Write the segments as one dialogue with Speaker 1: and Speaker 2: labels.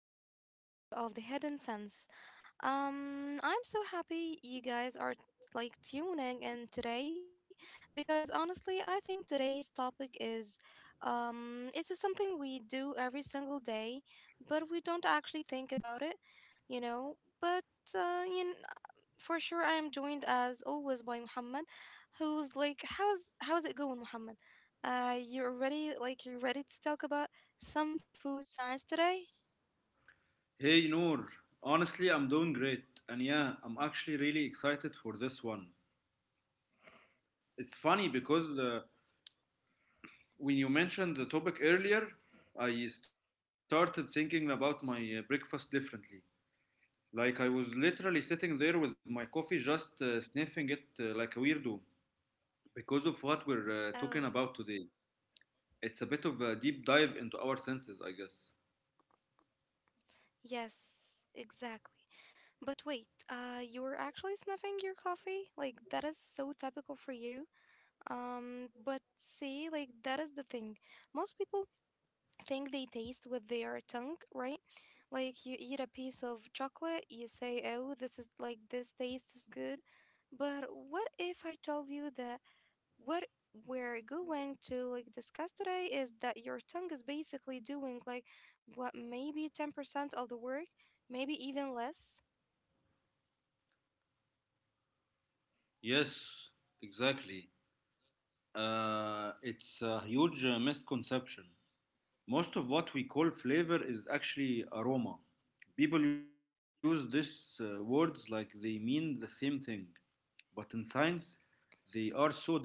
Speaker 1: back to another episode of The Hidden Sense. I'm so happy you guys are like tuning in today because honestly, I think today's topic is it is something we do every single day, but we don't actually think about it, you know. But uh, you know, for sure I am joined as always by Muhammad, who's like how's it going, Muhammad? You're ready, like you're ready to talk about some food science today?
Speaker 2: Hey Noor, honestly, I'm doing great. And yeah, I'm actually really excited for this one. It's funny because when you mentioned the topic earlier, I started thinking about my breakfast differently. Like I was literally sitting there with my coffee, just sniffing it like a weirdo because of what we're talking
Speaker 1: Oh,
Speaker 2: about today. It's a bit of a deep dive into our senses, I guess.
Speaker 1: yes, exactly. But wait, you were actually snuffing your coffee? Like, that is so typical for you. But see, like, that is the thing. Most people think they taste with their tongue, right? Like, you eat a piece of chocolate, you say, oh, this is like, this taste is good. But what if I told you that what we're going to like discuss today is that your tongue is basically doing like what maybe 10% of the work, maybe even less.
Speaker 2: Yes, exactly. It's a huge misconception. Most of what we call flavor is actually aroma. People use these words like they mean the same thing, but in science, they are so different.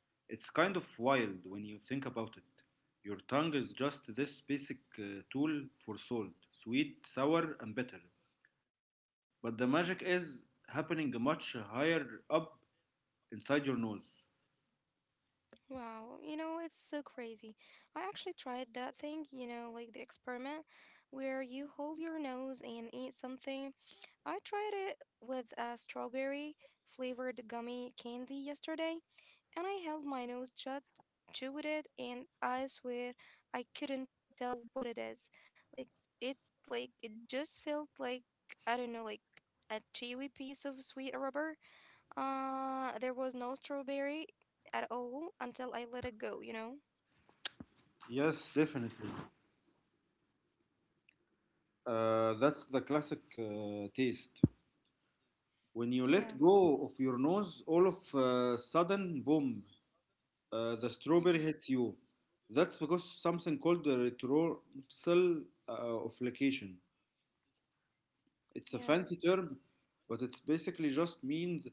Speaker 2: It's kind of wild when you think about it. Your tongue is just this basic tool for salt, sweet, sour, and bitter. But the magic is happening much higher up inside your nose.
Speaker 1: Wow, you know, it's so crazy. I actually tried that thing, you know, like the experiment where you hold your nose and eat something. I tried it with a strawberry flavored gummy candy yesterday, and I held my nose shut, chewed it, and I swear I couldn't tell what it is. Like it, like it just felt like I don't know, like a chewy piece of sweet rubber. There was no strawberry at all until I let it go. You know?
Speaker 2: Yes, definitely. That's the classic taste. When you
Speaker 1: Yeah.
Speaker 2: let go of your nose, all of a sudden, boom, the strawberry
Speaker 1: Hmm.
Speaker 2: hits you. That's because something called the retrorsal offlocation. It's a
Speaker 1: Yeah.
Speaker 2: fancy term, but it's basically just means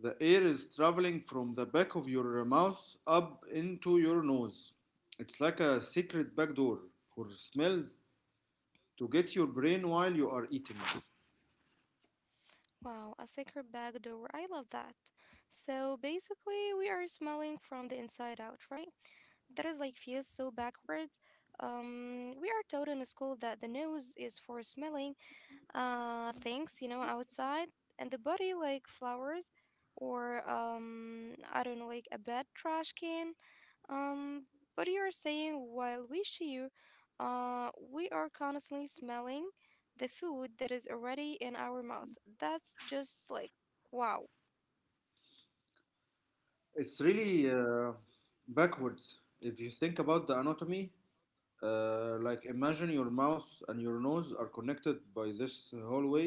Speaker 2: the air is traveling from the back of your mouth up into your nose. It's like a secret backdoor for smells to get your brain while you are eating.
Speaker 1: Wow, a secret back door. I love that. So basically, we are smelling from the inside out, right? That is like feels so backwards. We are taught in school that the nose is for smelling things, you know, outside, and the body like flowers or I don't know, like a bad trash can. Um, but you're saying while we chew, we are constantly smelling the food that is already in our mouth. That's just like wow.
Speaker 2: It's really backwards if you think about the anatomy. Like imagine your mouth and your nose are connected by this hallway.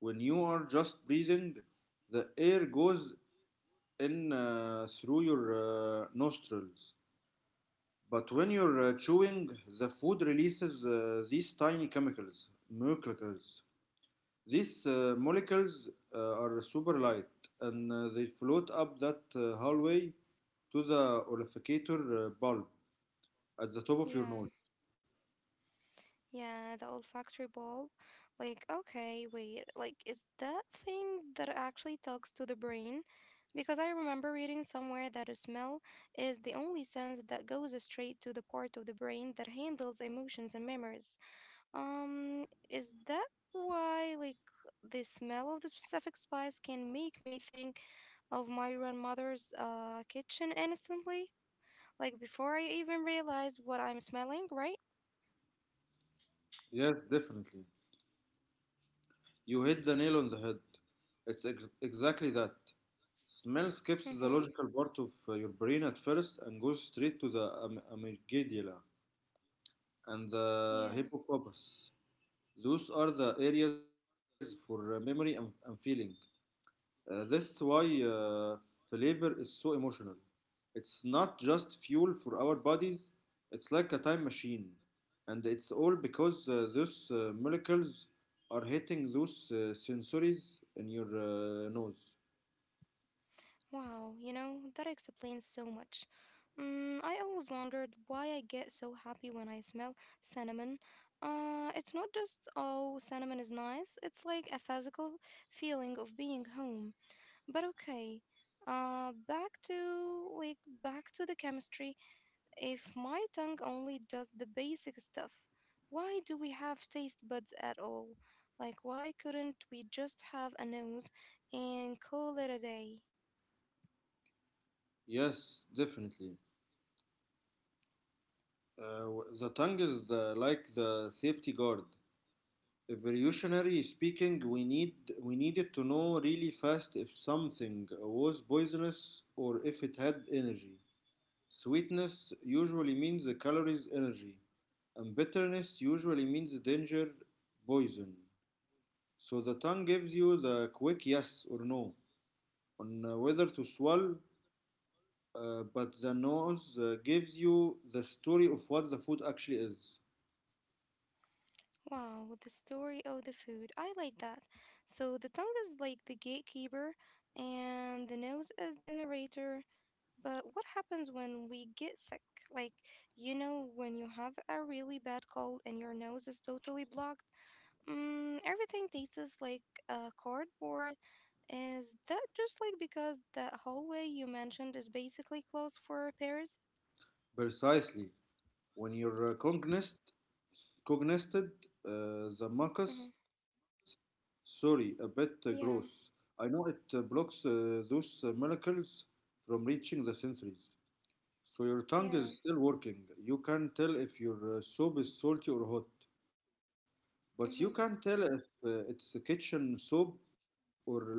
Speaker 2: When you are just breathing, the air goes in through your nostrils. But when you're chewing, the food releases these tiny chemicals, molecules. These molecules are super light and they float up that hallway to the olfactory bulb at the top of your nose.
Speaker 1: Yeah. Yeah, the olfactory bulb. Like, okay, wait, like, is that thing that actually talks to the brain? Because I remember reading somewhere that a smell is the only sense that goes straight to the part of the brain that handles emotions and memories. Is that why, like, the smell of the specific spice can make me think of my grandmother's kitchen instantly? Like before I even realize what I'm smelling, right?
Speaker 2: Yes, definitely. You hit the nail on the head. It's exactly that. Smell skips the
Speaker 1: Mm-hmm.
Speaker 2: logical part of your brain at first and goes straight to the amygdala and the
Speaker 1: Yeah.
Speaker 2: hippocampus. Those are the areas for memory and feeling. That's why flavor is so emotional. It's not just fuel for our bodies, it's like a time machine. And it's all because those molecules are hitting those sensories in your nose.
Speaker 1: Wow, you know, that explains so much. Mm, I always wondered why I get so happy when I smell cinnamon. It's not just, oh, cinnamon is nice, it's like a physical feeling of being home. But okay, uh, back to like back to the chemistry. If my tongue only does the basic stuff, why do we have taste buds at all? Like, why couldn't we just have a nose and call it a day?
Speaker 2: Yes, definitely. Uh, the tongue is like the safety guard. Evolutionary speaking, we needed to know really fast if something was poisonous or if it had energy. Sweetness usually means the calories energy, and bitterness usually means danger poison. So the tongue gives you the quick yes or no on whether to swallow, but the nose gives you the story of what the food actually is.
Speaker 1: Wow, the story of the food. I like that. So the tongue is like the gatekeeper, and the nose is the narrator. But what happens when we get sick? Like, you know, when you have a really bad cold and your nose is totally blocked? Mm, everything tastes like cardboard. Is that just like because that hallway you mentioned is basically closed for repairs?
Speaker 2: Precisely. When you're cognizant the
Speaker 1: Mm-hmm.
Speaker 2: mucus, sorry, a bit gross. I
Speaker 1: Yeah,
Speaker 2: know it blocks those molecules from reaching the sensories. So your tongue is
Speaker 1: yeah,
Speaker 2: still working. You can tell if your soap is salty or hot, but you can't tell
Speaker 1: mm-hmm,
Speaker 2: if it's a kitchen soap or lentil soap.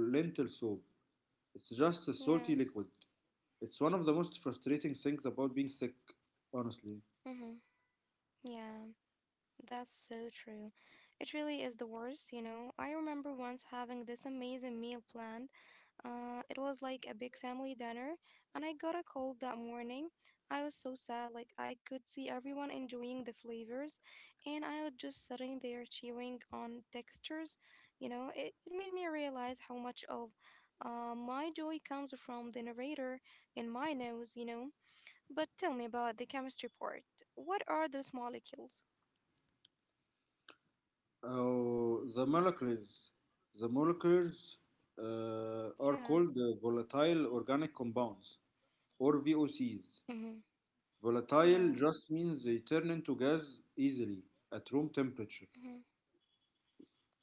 Speaker 2: It's just a salty liquid.
Speaker 1: yeah,
Speaker 2: It's one of the most frustrating things about being sick, honestly.
Speaker 1: mm-hmm, yeah. That's so true. It really is the worst, you know. I remember once having this amazing meal planned. It was like a big family dinner, and I got a cold that morning. I was so sad, like I could see everyone enjoying the flavors, and I was just sitting there chewing on textures. It made me realize how much of my joy comes from the narrator in my nose, you know. But tell me about the chemistry part. What are those molecules?
Speaker 2: Oh, the molecules. The molecules
Speaker 1: Yeah.
Speaker 2: are called volatile organic compounds or VOCs.
Speaker 1: Mm-hmm. Yeah.
Speaker 2: Volatile just means they turn into gas easily at room temperature.
Speaker 1: Mm-hmm.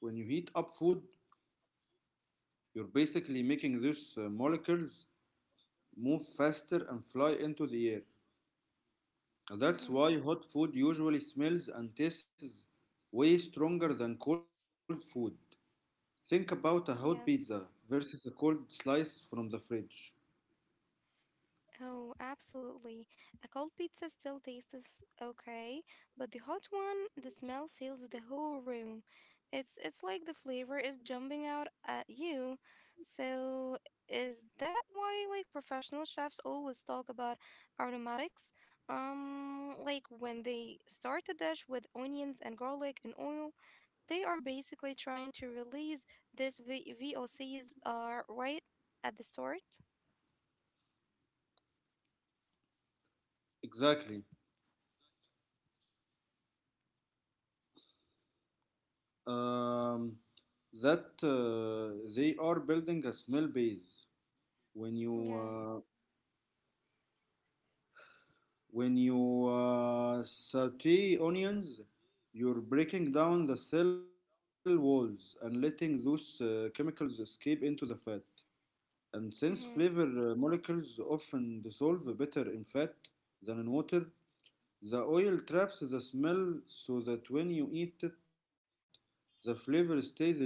Speaker 2: When you heat up food, you're basically making those molecules move faster and fly into the air. That's
Speaker 1: Mm-hmm.
Speaker 2: why hot food usually smells and tastes way stronger than cold food. Think about a hot pizza
Speaker 1: Yes.
Speaker 2: versus a cold slice from the fridge.
Speaker 1: Oh, absolutely. A cold pizza still tastes okay, but the hot one, the smell fills the whole room. It's like the flavor is jumping out at you. So, is that why like professional chefs always talk about aromatics? Like when they start a dish with onions and garlic and oil, they are basically trying to release VOCs are right at the start.
Speaker 2: Exactly. Um, that they are building a smell base. When you
Speaker 1: Yeah.
Speaker 2: uh, When you saute onions, you're breaking down the cell walls and letting those chemicals escape into the fat. And since flavor
Speaker 1: Mhm.
Speaker 2: molecules often dissolve better in fat than in water, the oil traps the smell so that when you eat it, the flavor stays in your mouth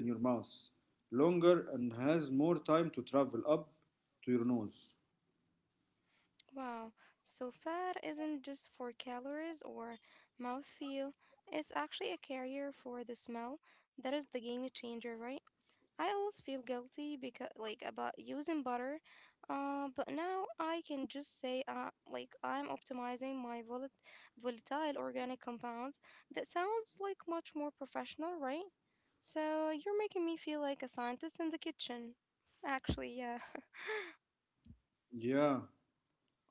Speaker 2: longer and has more time to travel up to your nose.
Speaker 1: Wow, so fat isn't just for calories or mouthfeel, it's actually a carrier for the smell. That is the game changer, right? I always feel guilty because like about using butter, but now I can just say like I'm optimizing my volatile organic compounds. That sounds like much more professional, right? So you're making me feel like a scientist in the kitchen. Actually, yeah.
Speaker 2: Yeah.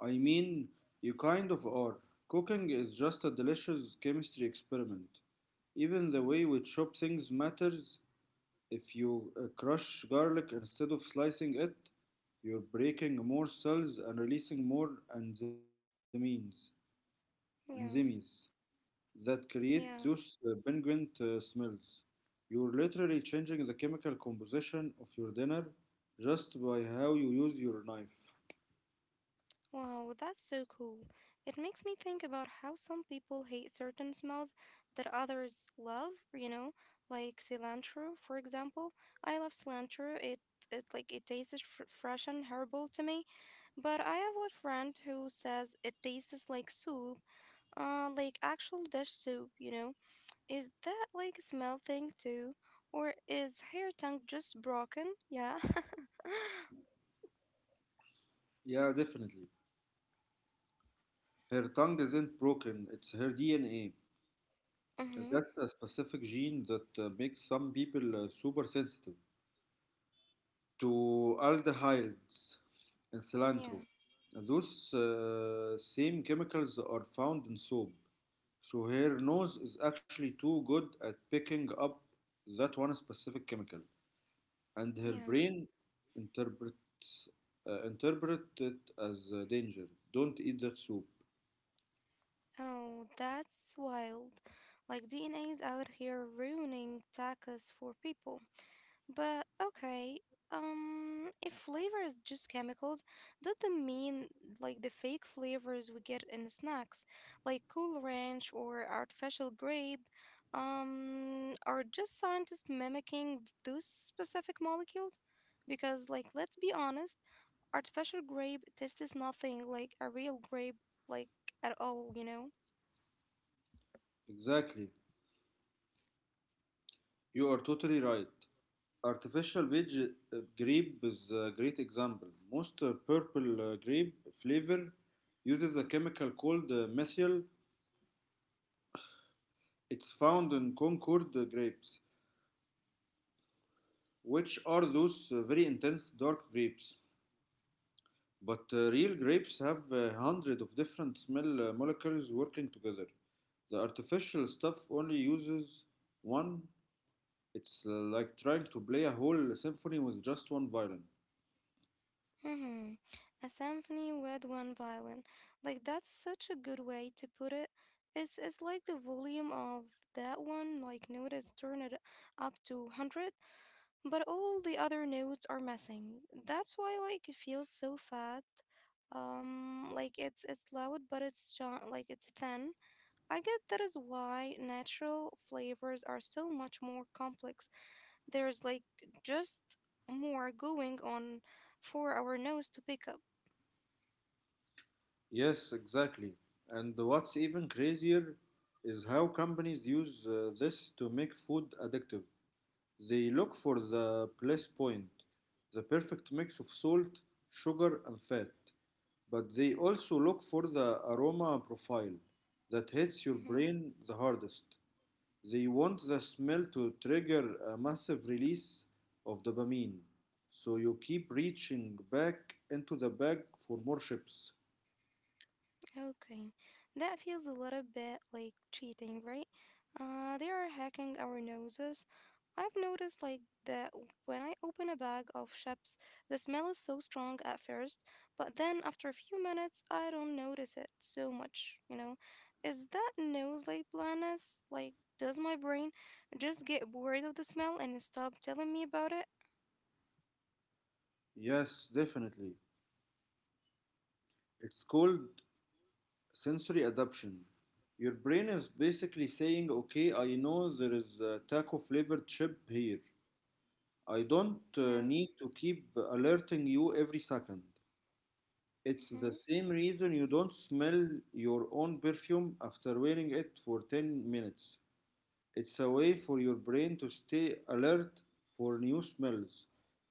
Speaker 2: I mean, you kind of are. Cooking is just a delicious chemistry experiment. Even the way we chop things matters. If you crush garlic instead of slicing it, you're breaking more cells and releasing more enzymes, enzymes
Speaker 1: Yeah.
Speaker 2: that create those
Speaker 1: Yeah.
Speaker 2: penguin smells. You're literally changing the chemical composition of your dinner just by how you use your knife.
Speaker 1: Wow, that's so cool. It makes me think about how some people hate certain smells that others love, you know, like cilantro, for example. I love cilantro. It tastes fr fresh and herbal to me, but I have a friend who says it tastes like soup, like actual dish soup, you know. Is that like a smell thing too, or is her tongue just broken? Yeah.
Speaker 2: Yeah, definitely. Her tongue isn't broken, it's her DNA.
Speaker 1: Mm-hmm.
Speaker 2: That's a specific gene that makes some people super sensitive to aldehydes and
Speaker 1: Yeah.
Speaker 2: cilantro. Those same chemicals are found in soap. So her nose is actually too good at picking up that one specific chemical, and her
Speaker 1: Yeah.
Speaker 2: brain interprets interpret it as a danger. Don't eat that soup.
Speaker 1: Oh, that's wild. Like DNA is out here ruining tacos for people. But okay, if flavor is just chemicals, that doesn't mean like the fake flavors we get in snacks, like Cool Ranch or artificial grape, are just scientists mimicking those specific molecules. Because, like, let's be honest, artificial grape tastes nothing like a real grape, like at all, you know?
Speaker 2: Exactly. You are totally right. Artificial veg grape is a great example. Most purple grape flavor uses a chemical called methyl. It's found in Concord grapes, which are those very intense dark grapes. But real grapes have a hundred of different smell molecules working together. The artificial stuff only uses one. It's like trying to play a whole symphony with just one violin.
Speaker 1: Mm-hmm. A symphony with one violin. Like that's such a good way to put it. It's like the volume of that one like note is turned up to 100, but all the other notes are missing. That's why like it feels so fat. It's loud but like it's thin. I guess that is why natural flavors are so much more complex. There's like just more going on for our nose to pick up.
Speaker 2: Yes, exactly. And what's even crazier is how companies use this to make food addictive. They look for the bliss point, the perfect mix of salt, sugar, and fat. But they also look for the aroma profile that hits your
Speaker 1: Mhm.
Speaker 2: brain the hardest. They want the smell to trigger a massive release of dopamine, so you keep reaching back into the bag for more chips.
Speaker 1: Okay, that feels a little bit like cheating, right? They are hacking our noses. I've noticed like that when I open a bag of chips, the smell is so strong at first, but then after a few minutes, I don't notice it so much, you know? Is that nose like blindness? Like, does my brain just get bored of the smell and stop telling me about it?
Speaker 2: Yes, definitely. It's called sensory adaptation. Your brain is basically saying, okay, I know there is a taco flavored chip here. I don't
Speaker 1: Yeah.
Speaker 2: need to keep alerting you every second. It's the
Speaker 1: Mm-hmm.
Speaker 2: same reason you don't smell your own perfume after wearing it for 10 minutes. It's a way for your brain to stay alert for new smells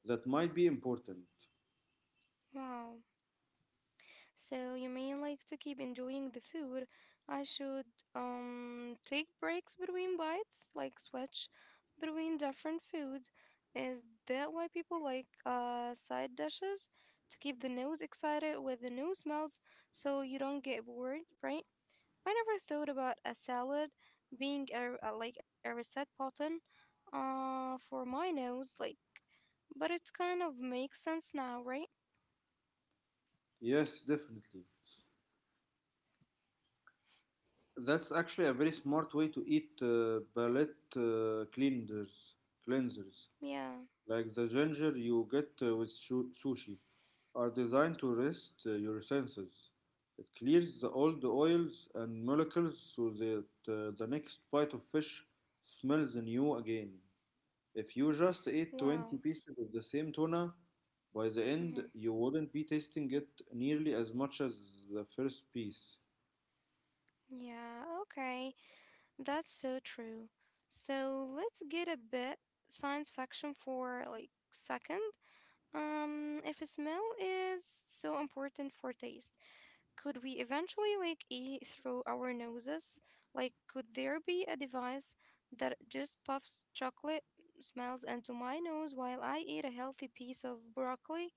Speaker 2: that might be important.
Speaker 1: Wow. So you may like to keep enjoying the food, I should take breaks between bites, like switch between different foods. Is that why people like side dishes to keep the nose excited with the new smells so you don't get bored, right? I never thought about a salad being a like a reset button for my nose, like but it kind of makes sense now, right?
Speaker 2: Yes, definitely. That's actually a very smart way to eat palate uh, cleansers. cleansers
Speaker 1: Yeah.
Speaker 2: like the ginger you get with sushi are designed to rest your senses. It clears the old oils and molecules so that the next bite of fish smells new again. If you just ate
Speaker 1: Wow.
Speaker 2: 20 pieces of the same tuna, by the
Speaker 1: Mhm.
Speaker 2: end you wouldn't be tasting it nearly as much as the first piece.
Speaker 1: Yeah, okay. That's so true. So let's get a bit science fiction for like second. If smell is so important for taste, could we eventually like eat through our noses? Like, could there be a device that just puffs chocolate smells into my nose while I eat a healthy piece of broccoli?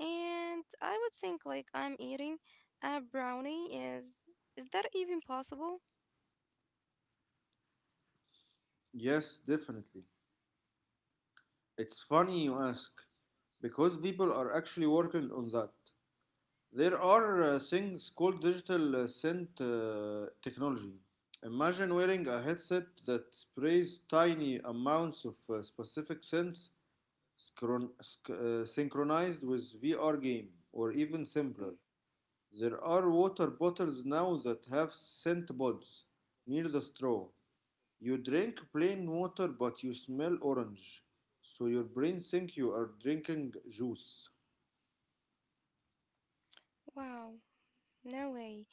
Speaker 1: And I would think like I'm eating a brownie. Is that even possible?
Speaker 2: Yes, definitely. It's funny you ask, because people are actually working on that. There are things called digital scent technology. Imagine wearing a headset that sprays tiny amounts of specific scents synchronized with VR game, or even simpler.
Speaker 1: Mm.
Speaker 2: There are water bottles now that have scent buds near the straw. You drink plain water but you smell orange, so your brain thinks you are drinking juice.
Speaker 1: Wow, no way.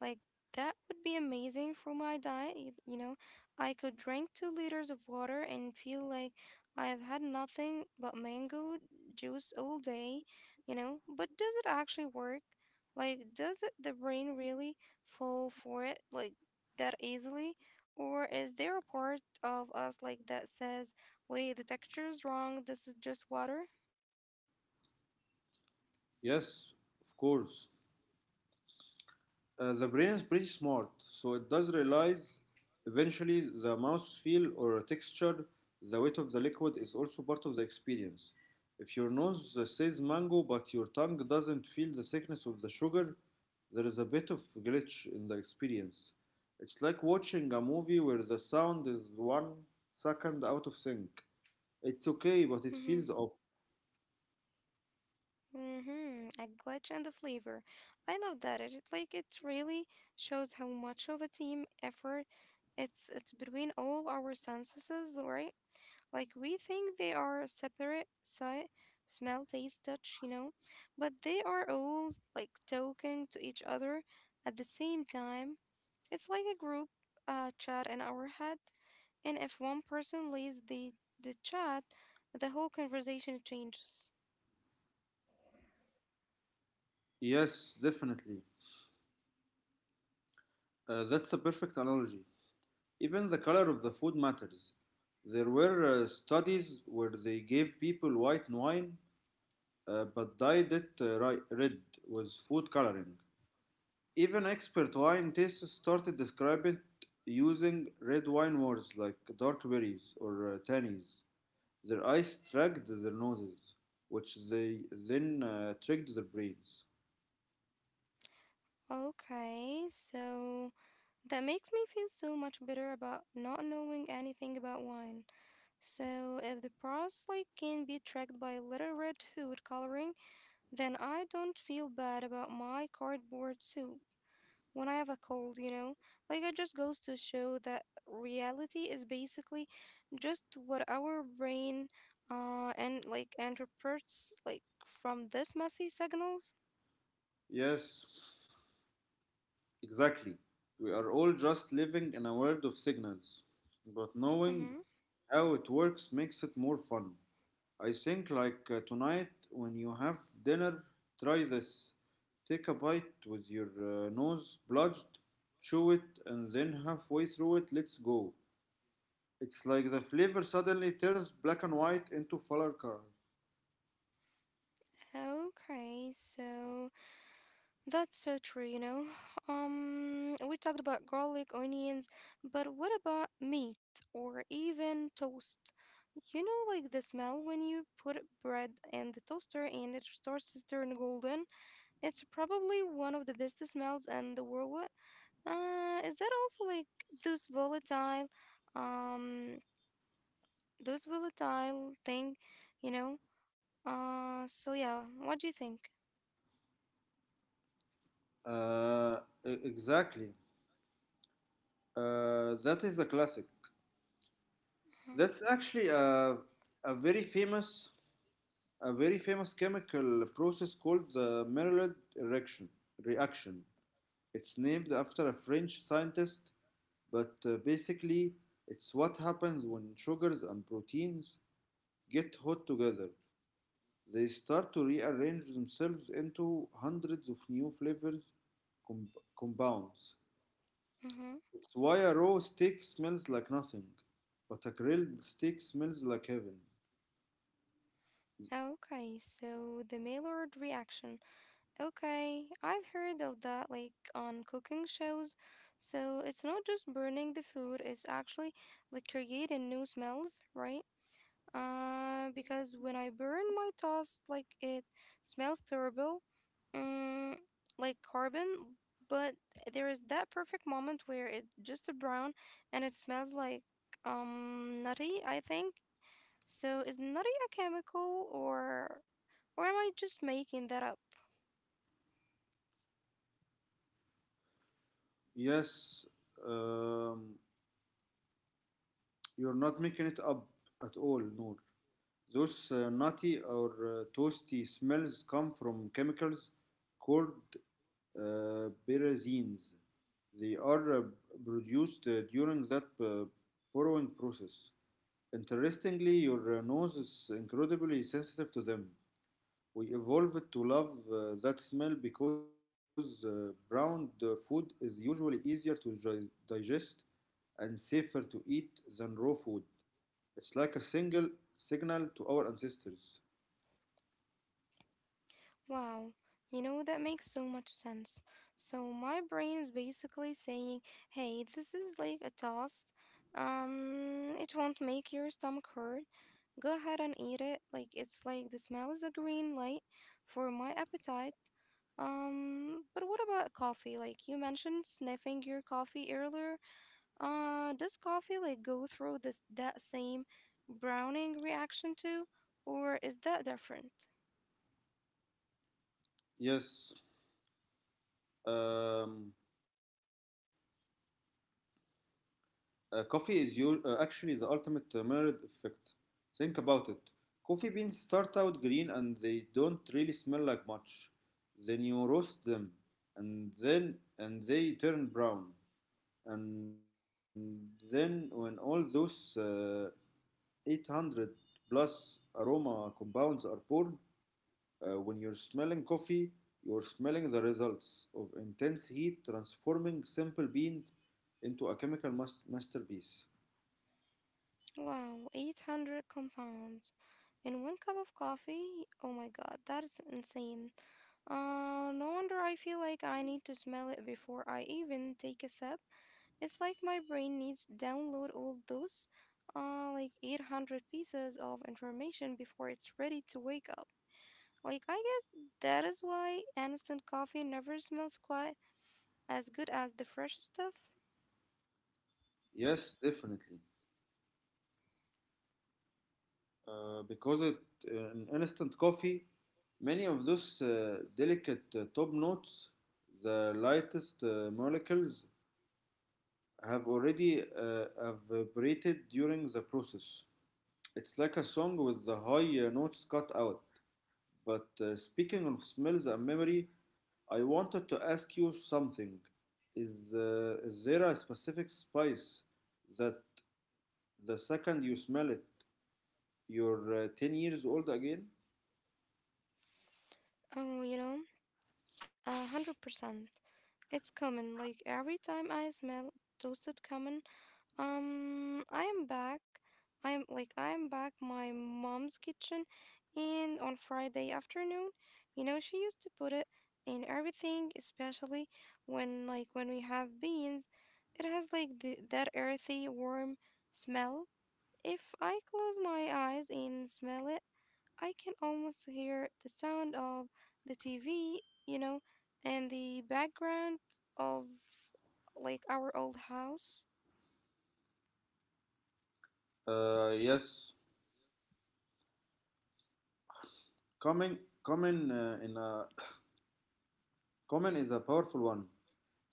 Speaker 1: Like, that would be amazing for my diet. You know, I could drink 2 liters of water and feel like I have had nothing but mango juice all day, you know. But does it actually work? Like, does it, the brain really fall for it like that easily? Or is there a part of us like that says, wait, the texture is wrong, this is just water?
Speaker 2: Yes, of course. The brain is pretty smart, so it does realize eventually the mouth feel or texture, the weight of the liquid is also part of the experience. If your nose says mango but your tongue doesn't feel the thickness of the sugar, there is a bit of glitch in the experience. It's like watching a movie where the sound is 1 second out of sync. It's okay, but it
Speaker 1: Mm-hmm.
Speaker 2: feels off.
Speaker 1: Mm-hmm. A glitch in the flavor. I love that. It really shows how much of a team effort it's between all our senses, right? Like we think they are separate: sight, smell, taste, touch, you know, but they are all like talking to each other at the same time. It's like a group chat in our head, and if one person leaves the chat, the whole conversation changes.
Speaker 2: Yes, definitely. That's a perfect analogy. Even the color of the food matters. There were studies where they gave people white wine but dyed it red with food coloring. Even expert wine tasters started describing it using red wine words like dark berries or tannies. Their eyes tracked their noses, which they then tricked their brains.
Speaker 1: Okay, so that makes me feel so much better about not knowing anything about wine. So if the process like can be tracked by little red food coloring, then I don't feel bad about my cardboard soup when I have a cold, you know? Like it just goes to show that reality is basically just what our brain and like interprets like from this messy signals.
Speaker 2: Yes, exactly. We are all just living in a world of signals, but knowing
Speaker 1: Mm-hmm.
Speaker 2: how it works makes it more fun. I think, like tonight, when you have dinner, try this. Take a bite with your nose bludged, chew it, and then halfway through it, let's go. It's like the flavor suddenly turns black and white into fuller color.
Speaker 1: Okay, so that's so true, you know. We talked about garlic, onions, but what about meat or even toast? You know, like the smell when you put bread in the toaster and it starts to turn golden. It's probably one of the best smells in the world. Is that also like those volatile, um, those volatile thing, you know? Yeah, what do you think?
Speaker 2: Uh, exactly. That is a classic.
Speaker 1: Mm-hmm.
Speaker 2: That's actually a very famous a very famous chemical process called the Maillard reaction. reaction. It's named after a French scientist, but basically, it's what happens when sugars and proteins get hot together. They start to rearrange themselves into hundreds of new flavors com- compounds.
Speaker 1: Mm-hmm.
Speaker 2: It's why a raw steak smells like nothing, but a grilled steak smells like heaven.
Speaker 1: Okay, so the Maillard reaction. Okay, I've heard of that like on cooking shows. So it's not just burning the food, it's actually like creating new smells, right? Because when I burn my toast, like it smells terrible, mm, like carbon, but there is that perfect moment where it just a brown and it smells like nutty, I think. So is nutty a chemical or am I just making that up?
Speaker 2: Yes, um, You're not making it up at all, Noor. Those nutty or toasty smells come from chemicals called pyrazines. They are produced during that borrowing process. Interestingly, your nose is incredibly sensitive to them. We evolved to love that smell because browned food is usually easier to digest and safer to eat than raw food. It's like a single signal to our ancestors.
Speaker 1: Wow, you know, that makes so much sense. So my brain is basically saying, hey, this is like a toast. It won't make your stomach hurt. Go ahead and eat it. Like, it's like the smell is a green light for my appetite. But what about coffee? Like, you mentioned sniffing your coffee earlier. Does coffee like go through this that same browning reaction too? Or is that different?
Speaker 2: Yes, um, coffee is actually the ultimate Maillard effect. Think about it. Coffee beans start out green and they don't really smell like much. Then you roast them, and they turn brown. And then when all those 800 plus aroma compounds are poured. When you're smelling coffee, you're smelling the results of intense heat transforming simple beans into a chemical masterpiece.
Speaker 1: Wow, 800 compounds in one cup of coffee? Oh my god, that is insane. No wonder I feel like I need to smell it before I even take a sip. It's like my brain needs to download all those, like 800 pieces of information before it's ready to wake up. Like, I guess that is why instant coffee never smells quite as good as the fresh stuff.
Speaker 2: Yes, definitely. Because in instant coffee, many of those delicate top notes, the lightest molecules, have already evaporated during the process. It's like a song with the high notes cut out. But speaking of smells and memory, I wanted to ask you something. Is there a specific spice that the second you smell it, you're 10 years old again?
Speaker 1: Oh, you know? 100%. It's common. Like every time I smell toasted common, I am back. I am back my mom's kitchen, and on Friday afternoon, you know, she used to put it in everything, especially when we have beans. It has like the, that earthy, warm smell. If I close my eyes and smell it. I can almost hear the sound of the TV, you know, and the background of like our old house.
Speaker 2: Yes. Common, common, uh, in a, Common is a powerful one.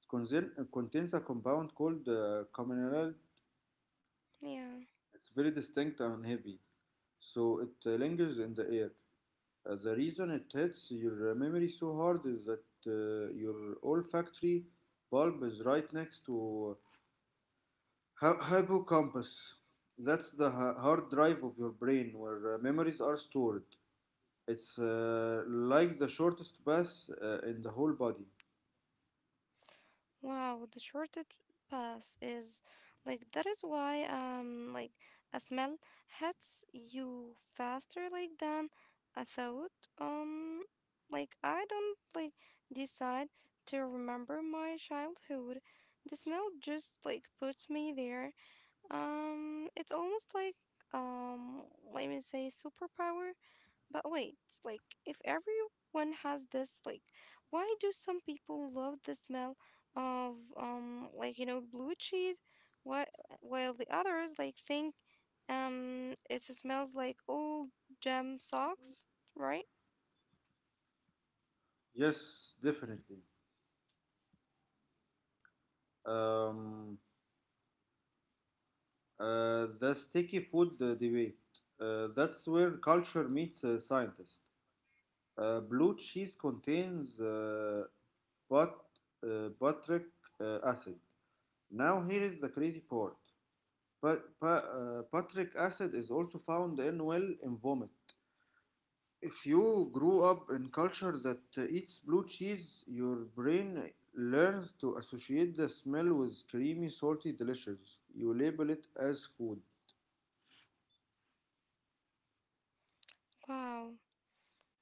Speaker 2: It contains a compound called commineral.
Speaker 1: Yeah.
Speaker 2: It's very distinct and heavy, so it lingers in the air. The reason it hits your memory so hard is that your olfactory bulb is right next to Hippocampus. That's the hard drive of your brain where memories are stored. It's like the shortest path in the whole body.
Speaker 1: Wow, the shortest path is like that is why a smell hits you faster like than a thought. Um like I don't like decide to remember my childhood. The smell just like puts me there. It's almost like um, let me say superpower. But wait, it's like if everyone has this, like, why do some people love the smell of like you know, blue cheese, what while the others like think it smells like old gem socks, right?
Speaker 2: Yes, definitely. Um, the sticky food debate. That's where culture meets scientist. Blue cheese contains but, butric acid. Now here is the crazy part. Patrick acid is also found in, well, in vomit. If you grew up in culture that eats blue cheese, your brain learns to associate the smell with creamy, salty, delicious. You label it as food.
Speaker 1: Wow.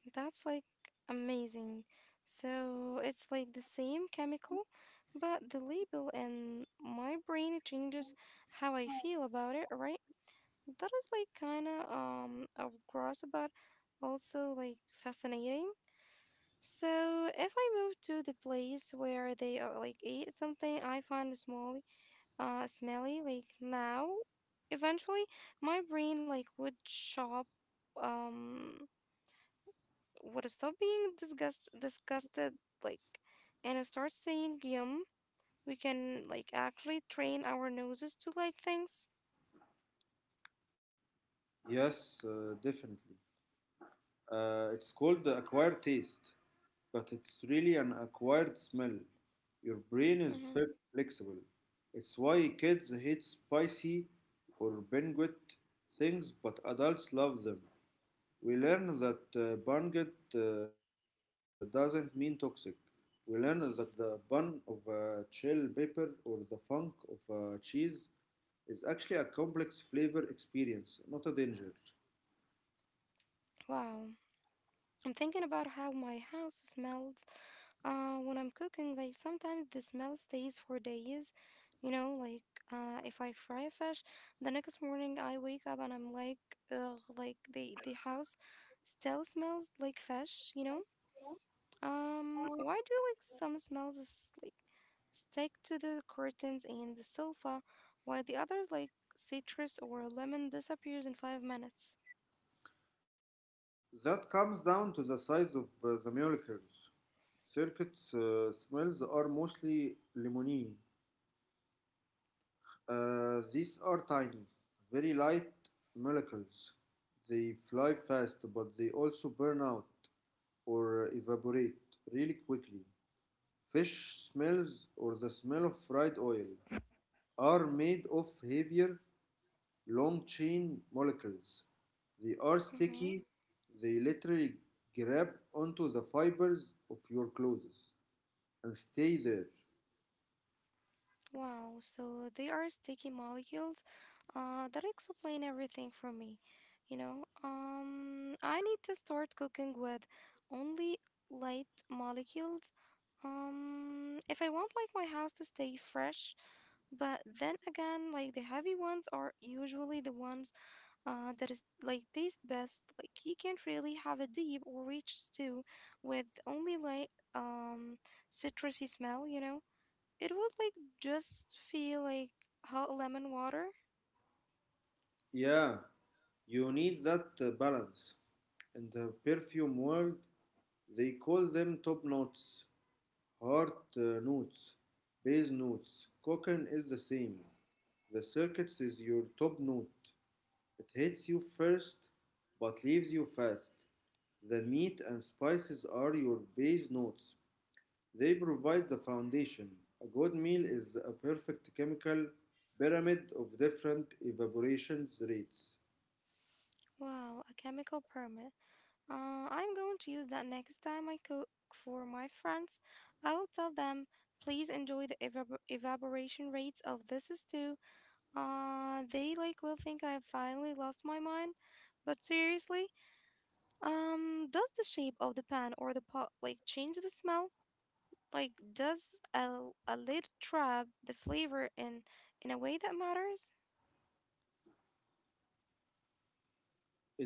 Speaker 1: That's like amazing. So it's like the same chemical, but the label and my brain changes how I feel about it, right? That is like kind of gross, but also like fascinating. So if I move to the place where they like eat something I find smelly, smelly like now, eventually my brain like um would stop being disgusted like and start saying yum. We can like actually train our noses to like things.
Speaker 2: Yes, definitely. It's called the acquired taste, but it's really an acquired smell. Your brain is
Speaker 1: Hmm.
Speaker 2: flexible. It's why kids hate spicy or banquet things, but adults love them. We learn that banquet doesn't mean toxic. We learn that the bun of chill pepper or the funk of cheese is actually a complex flavor experience, not a danger.
Speaker 1: Wow, I'm thinking about how my house smells when I'm cooking, like sometimes the smell stays for days, you know, like if I fry a fish, the next morning I wake up and I'm like ugh, like the house still smells like fish, you know. Why do like some smells is, like stick to the curtains and the sofa, while the others like citrus or lemon disappears in 5 minutes?
Speaker 2: That comes down to the size of the molecules. Circuits smells are mostly limonene. These are tiny, very light molecules. They fly fast, but they also burn out or evaporate really quickly. Fish smells or the smell of fried oil are made of heavier, long chain molecules. They are
Speaker 1: Mm-hmm.
Speaker 2: sticky, they literally grab onto the fibers of your clothes and stay there.
Speaker 1: Wow. So they are sticky molecules. That explain everything for me. You know, I need to start cooking with only light molecules. If I want like my house to stay fresh, but then again, like the heavy ones are usually the ones that is like taste best. Like you can't really have a deep or rich stew with only citrusy smell, you know? It would like just feel like hot lemon water.
Speaker 2: Yeah, you need that balance. In the perfume world, they call them top notes, heart notes, base notes. Cocaine is the same. The circuits is your top note. It hits you first, but leaves you fast. The meat and spices are your base notes. They provide the foundation. A good meal is a perfect chemical pyramid of different evaporation rates.
Speaker 1: Wow, a chemical permit. I'm going to use that next time I cook for my friends. I will tell them, please enjoy the evaporation rates of this stew. They like will think I have finally lost my mind, but seriously, does the shape of the pan or the pot like change the smell? Like, does a lid trap the flavor in a way that matters?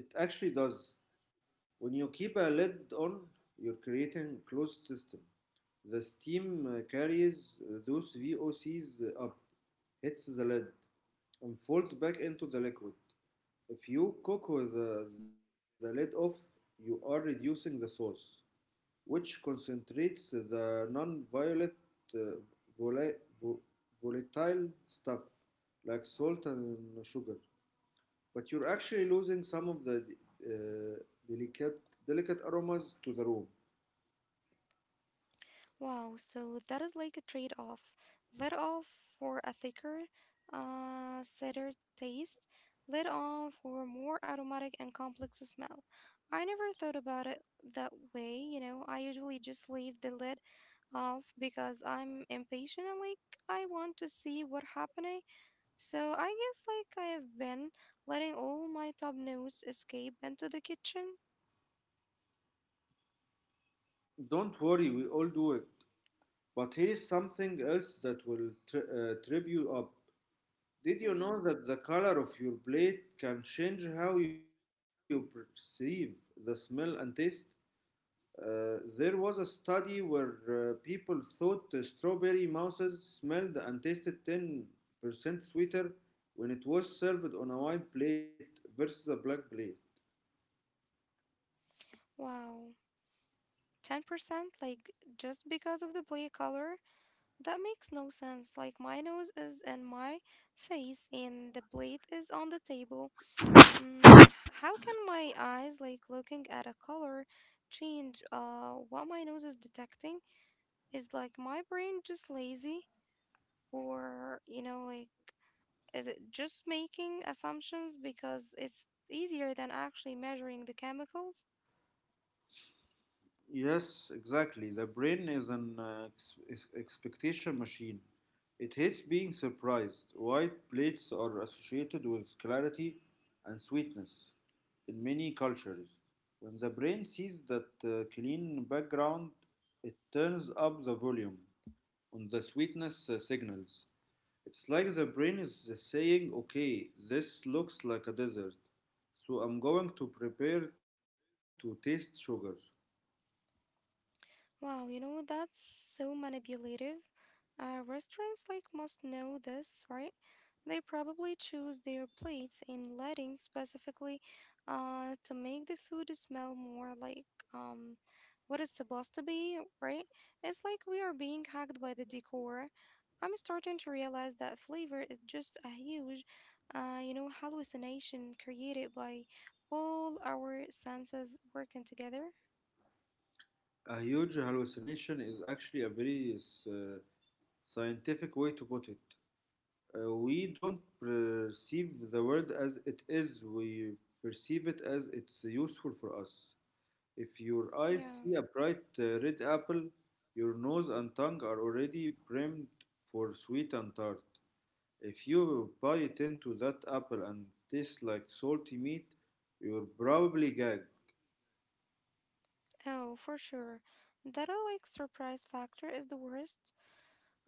Speaker 2: It actually does. When you keep a lid on, you're creating a closed system. The steam carries those VOCs up, hits the lid, and falls back into the liquid. If you cook with the lid off, you are reducing the sauce, which concentrates the non-violet uh, vola- vo- volatile stuff like salt and sugar, but you're actually losing some of the uh, delicate aromas to the room.
Speaker 1: Wow, so that is like a trade-off. Lid off for a thicker, cider taste. Lid on for a more aromatic and complex smell. I never thought about it that way, you know. I usually just leave the lid off because I'm impatient and like I want to see what happening. So I guess like I have been letting all my top notes escape into the kitchen.
Speaker 2: Don't worry, we all do it. But here is something else that will trip you up. Did you know
Speaker 1: Hmm.
Speaker 2: that the color of your plate can change how you perceive the smell and taste? There was a study where people thought the strawberry mouses smelled and tasted 10% sweeter when it was served on a white plate versus a black plate.
Speaker 1: Wow. 10% like just because of the play color? That makes no sense. Like my nose is in my face and the plate is on the table. Mm, h- how can my eyes like looking at a color change what my nose is detecting? Is like my brain just lazy or you know like is it just making assumptions because it's easier than actually measuring the chemicals?
Speaker 2: Yes, exactly. The brain is an expectation machine. It hates being surprised. White plates are associated with clarity and sweetness in many cultures. When the brain sees that clean background, it turns up the volume on the sweetness signals. It's like the brain is saying, okay, this looks like a desert, so I'm going to prepare to taste sugar.
Speaker 1: Wow, you know, that's so manipulative. Restaurants like must know this, right? They probably choose their plates and lighting specifically to make the food smell more like um what it's supposed to be, right? It's like we are being hacked by the decor. I'm starting to realize that flavor is just a huge, you know, hallucination created by all our senses working together.
Speaker 2: A huge hallucination is actually a very uh, scientific way to put it. We don't perceive the world as it is, we perceive it as it's useful for us. If your eyes
Speaker 1: Yeah.
Speaker 2: see a bright red apple, your nose and tongue are already primed for sweet and tart. If you bite into that apple and taste like salty meat, you'll probably gag.
Speaker 1: Oh, for sure. That like surprise factor is the worst.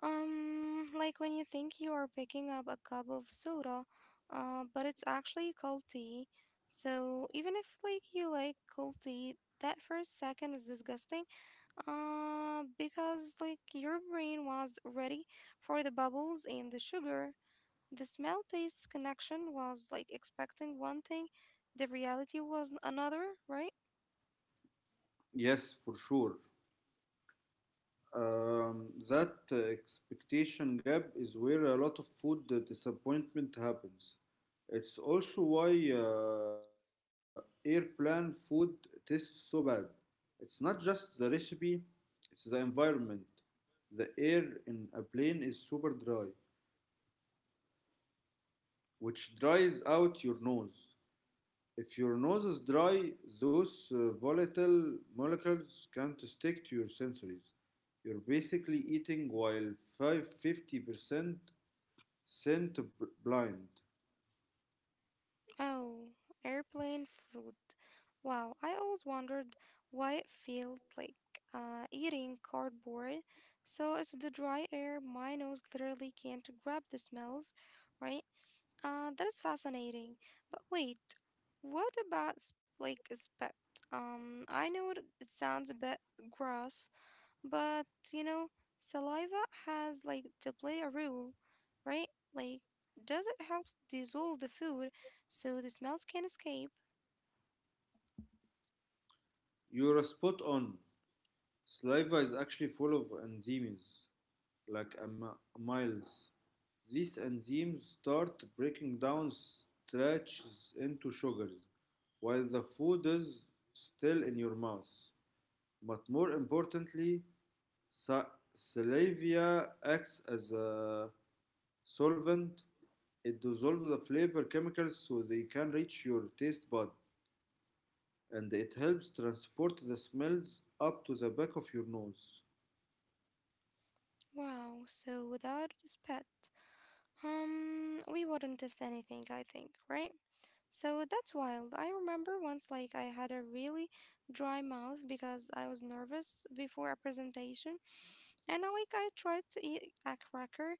Speaker 1: Like when you think you are picking up a cup of soda, but it's actually cold tea. So even if like you like cold tea, that first second is disgusting. Because like your brain was ready for the bubbles and the sugar. The smell taste connection was like expecting one thing, the reality was another, right?
Speaker 2: Yes, for sure. That expectation gap is where a lot of food disappointment happens. It's also why airplane food tastes so bad. It's not just the recipe, it's the environment. The air in a plane is super dry, which dries out your nose. If your nose is dry, those volatile molecules can't stick to your sensories. You're basically eating while 50% scent blind.
Speaker 1: Oh, airplane food. Wow, I always wondered why it felt like eating cardboard. So it's the dry air. My nose literally can't grab the smells, right? That is fascinating. But wait, what about like spit? I know it sounds a bit gross, but you know, saliva has like to play a role, right? Like, does it help dissolve the food so the smells can escape?
Speaker 2: You're spot on. Saliva is actually full of enzymes, like amyls. These enzymes start breaking down starches into sugars while the food is still in your mouth. But more importantly, salvia acts as a solvent. It dissolves the flavor chemicals so they can reach your taste bud, and it helps transport the smells up to the back of your nose.
Speaker 1: Wow, so without this pet, we wouldn't taste anything, I think, right? So that's wild. I remember once like I had a really dry mouth because I was nervous before a presentation. And I tried to eat a cracker.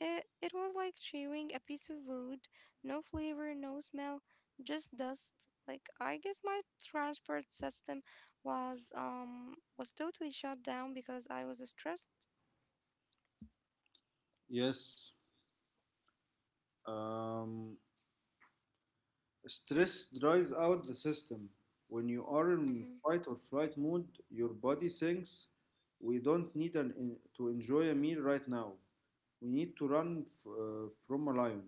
Speaker 1: It was like chewing a piece of wood. No flavor, no smell, just dust. Like I guess my transport system was totally shut down because I was stressed.
Speaker 2: Yes. Um, Stress dries out the system. When you are in
Speaker 1: Mm-hmm.
Speaker 2: fight or flight mode, your body thinks we don't need to enjoy a meal right now. We need to run from a lion.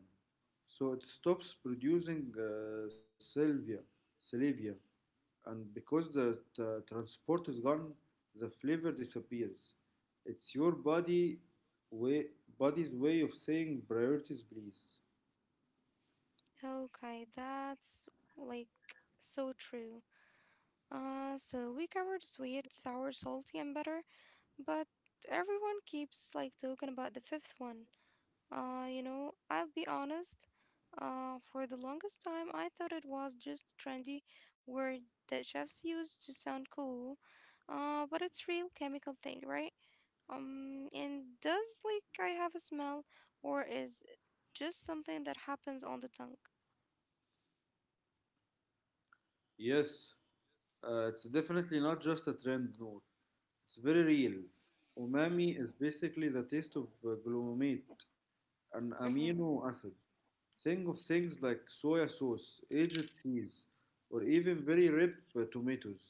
Speaker 2: So it stops producing salivia, and because the transport is gone, the flavor disappears. It's your way, body's way of saying priorities, please.
Speaker 1: Okay, that's like so true. So we covered sweet, sour, salty, and bitter, but everyone keeps like talking about the fifth one. You know, I'll be honest. For the longest time, I thought it was just a trendy word that chefs use to sound cool. But it's real chemical thing, right? And does like I have a smell, or is it just something that happens on the tongue?
Speaker 2: Yes, it's definitely not just a trend, no. It's very real. Umami is basically the taste of glutamate, an amino acid. Think of things like soya sauce, aged cheese, or even very ripe tomatoes.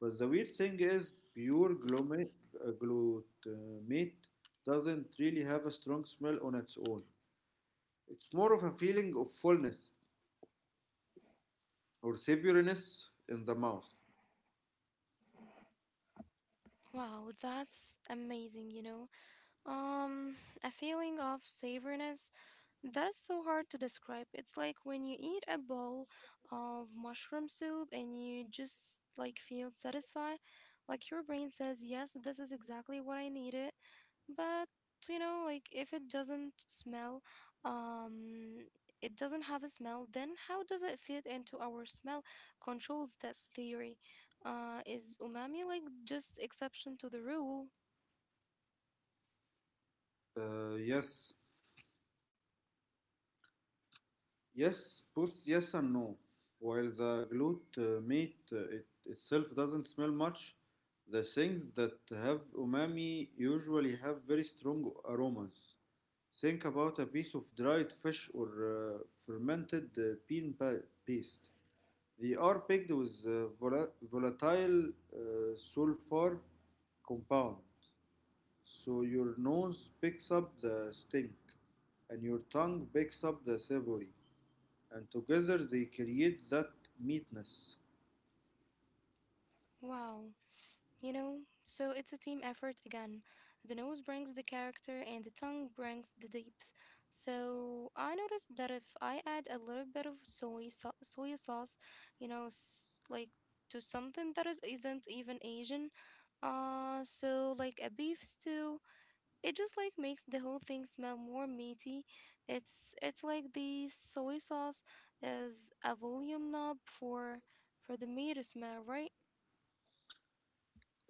Speaker 2: But the weird thing is, pure glutamate doesn't really have a strong smell on its own. It's more of a feeling of fullness or savouriness in the mouth.
Speaker 1: Wow, that's amazing, you know. Um, a feeling of savouriness that's so hard to describe. It's like when you eat a bowl of mushroom soup and you just like feel satisfied, like your brain says, "Yes, this is exactly what I needed." But you know, like if it doesn't smell, um, it doesn't have a smell, then how does it fit into our smell controls test theory? Is umami like just exception to the rule?
Speaker 2: Uh, yes, Yes, both yes and no. While the glute meat it itself doesn't smell much, the things that have umami usually have very strong aromas. Think about a piece of dried fish or fermented bean paste. They are packed with volatile sulfur compound, so your nose picks up the stink and your tongue picks up the savory, and together they create that meatness.
Speaker 1: Wow. You know, so it's a team effort again. The nose brings the character and the tongue brings the depth. So I noticed that if I add a little bit of soy sauce, you know, like to something that is isn't even Asian, so like a beef stew, it just like makes the whole thing smell more meaty. It's like the soy sauce is a volume knob for the meat smell, right?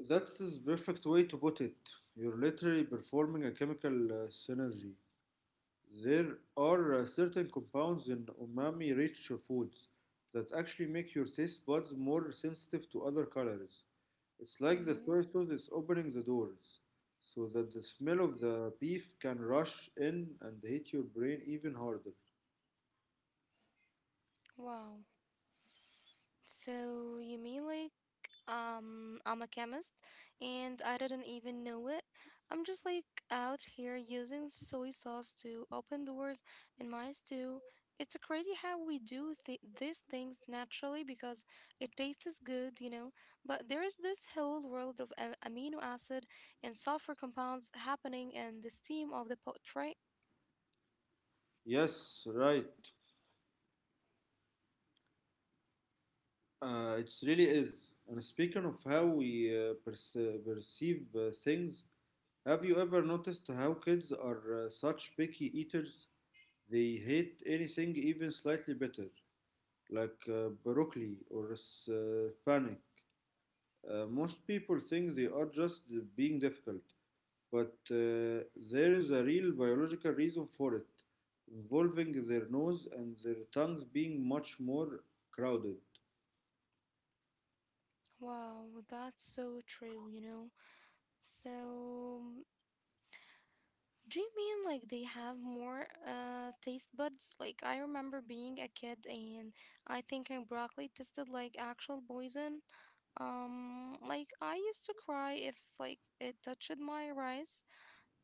Speaker 2: That's the perfect way to put it. You're literally performing a chemical synergy. There are certain compounds in umami rich foods that actually make your taste buds more sensitive to other colors. It's like the
Speaker 1: Mm-hmm.
Speaker 2: soy sauce is opening the doors so that the smell of the beef can rush in and hit your brain even harder.
Speaker 1: Wow. So you mean like I'm a chemist and I didn't even know it. I'm just like out here using soy sauce to open doors in my stew. It's a crazy how we do these things naturally because it tastes good, you know. But there is this whole world of amino acid and sulfur compounds happening in the steam of the pot, right?
Speaker 2: Yes, right. It really is. And speaking of how we perceive things, have you ever noticed how kids are such picky eaters? They hate anything even slightly bitter, like broccoli or panic. Most people think they are just being difficult, but there is a real biological reason for it, involving their nose and their tongues being much more crowded.
Speaker 1: Wow, that's so true, you know. So do you mean like they have more taste buds? Like I remember being a kid and I think my broccoli tasted like actual poison. Like I used to cry if like it touched my rice.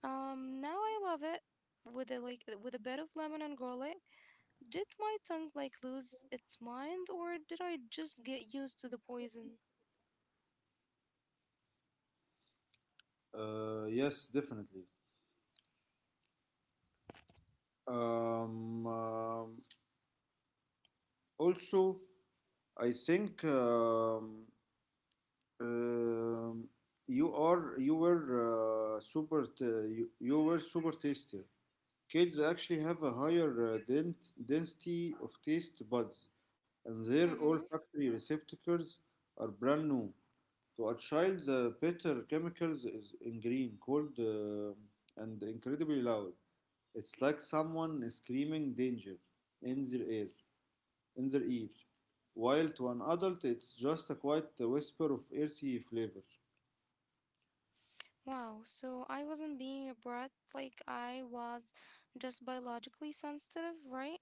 Speaker 1: Now I love it with a bit of lemon and garlic. Did my tongue like lose its mind or did I just get used to the poison?
Speaker 2: Yes, definitely. Um, um, Also, I think um, you are you were you were super taster. Kids actually have a higher density of taste buds, and their
Speaker 1: Mm-hmm.
Speaker 2: olfactory receptacles are brand new. To a child, the bitter chemicals is in green, cold, and incredibly loud. It's like someone is screaming danger in their ear. in their ear, while to an adult it's just a quiet whisper of earthy flavor.
Speaker 1: Wow, so I wasn't being a brat, like I was just biologically sensitive, right?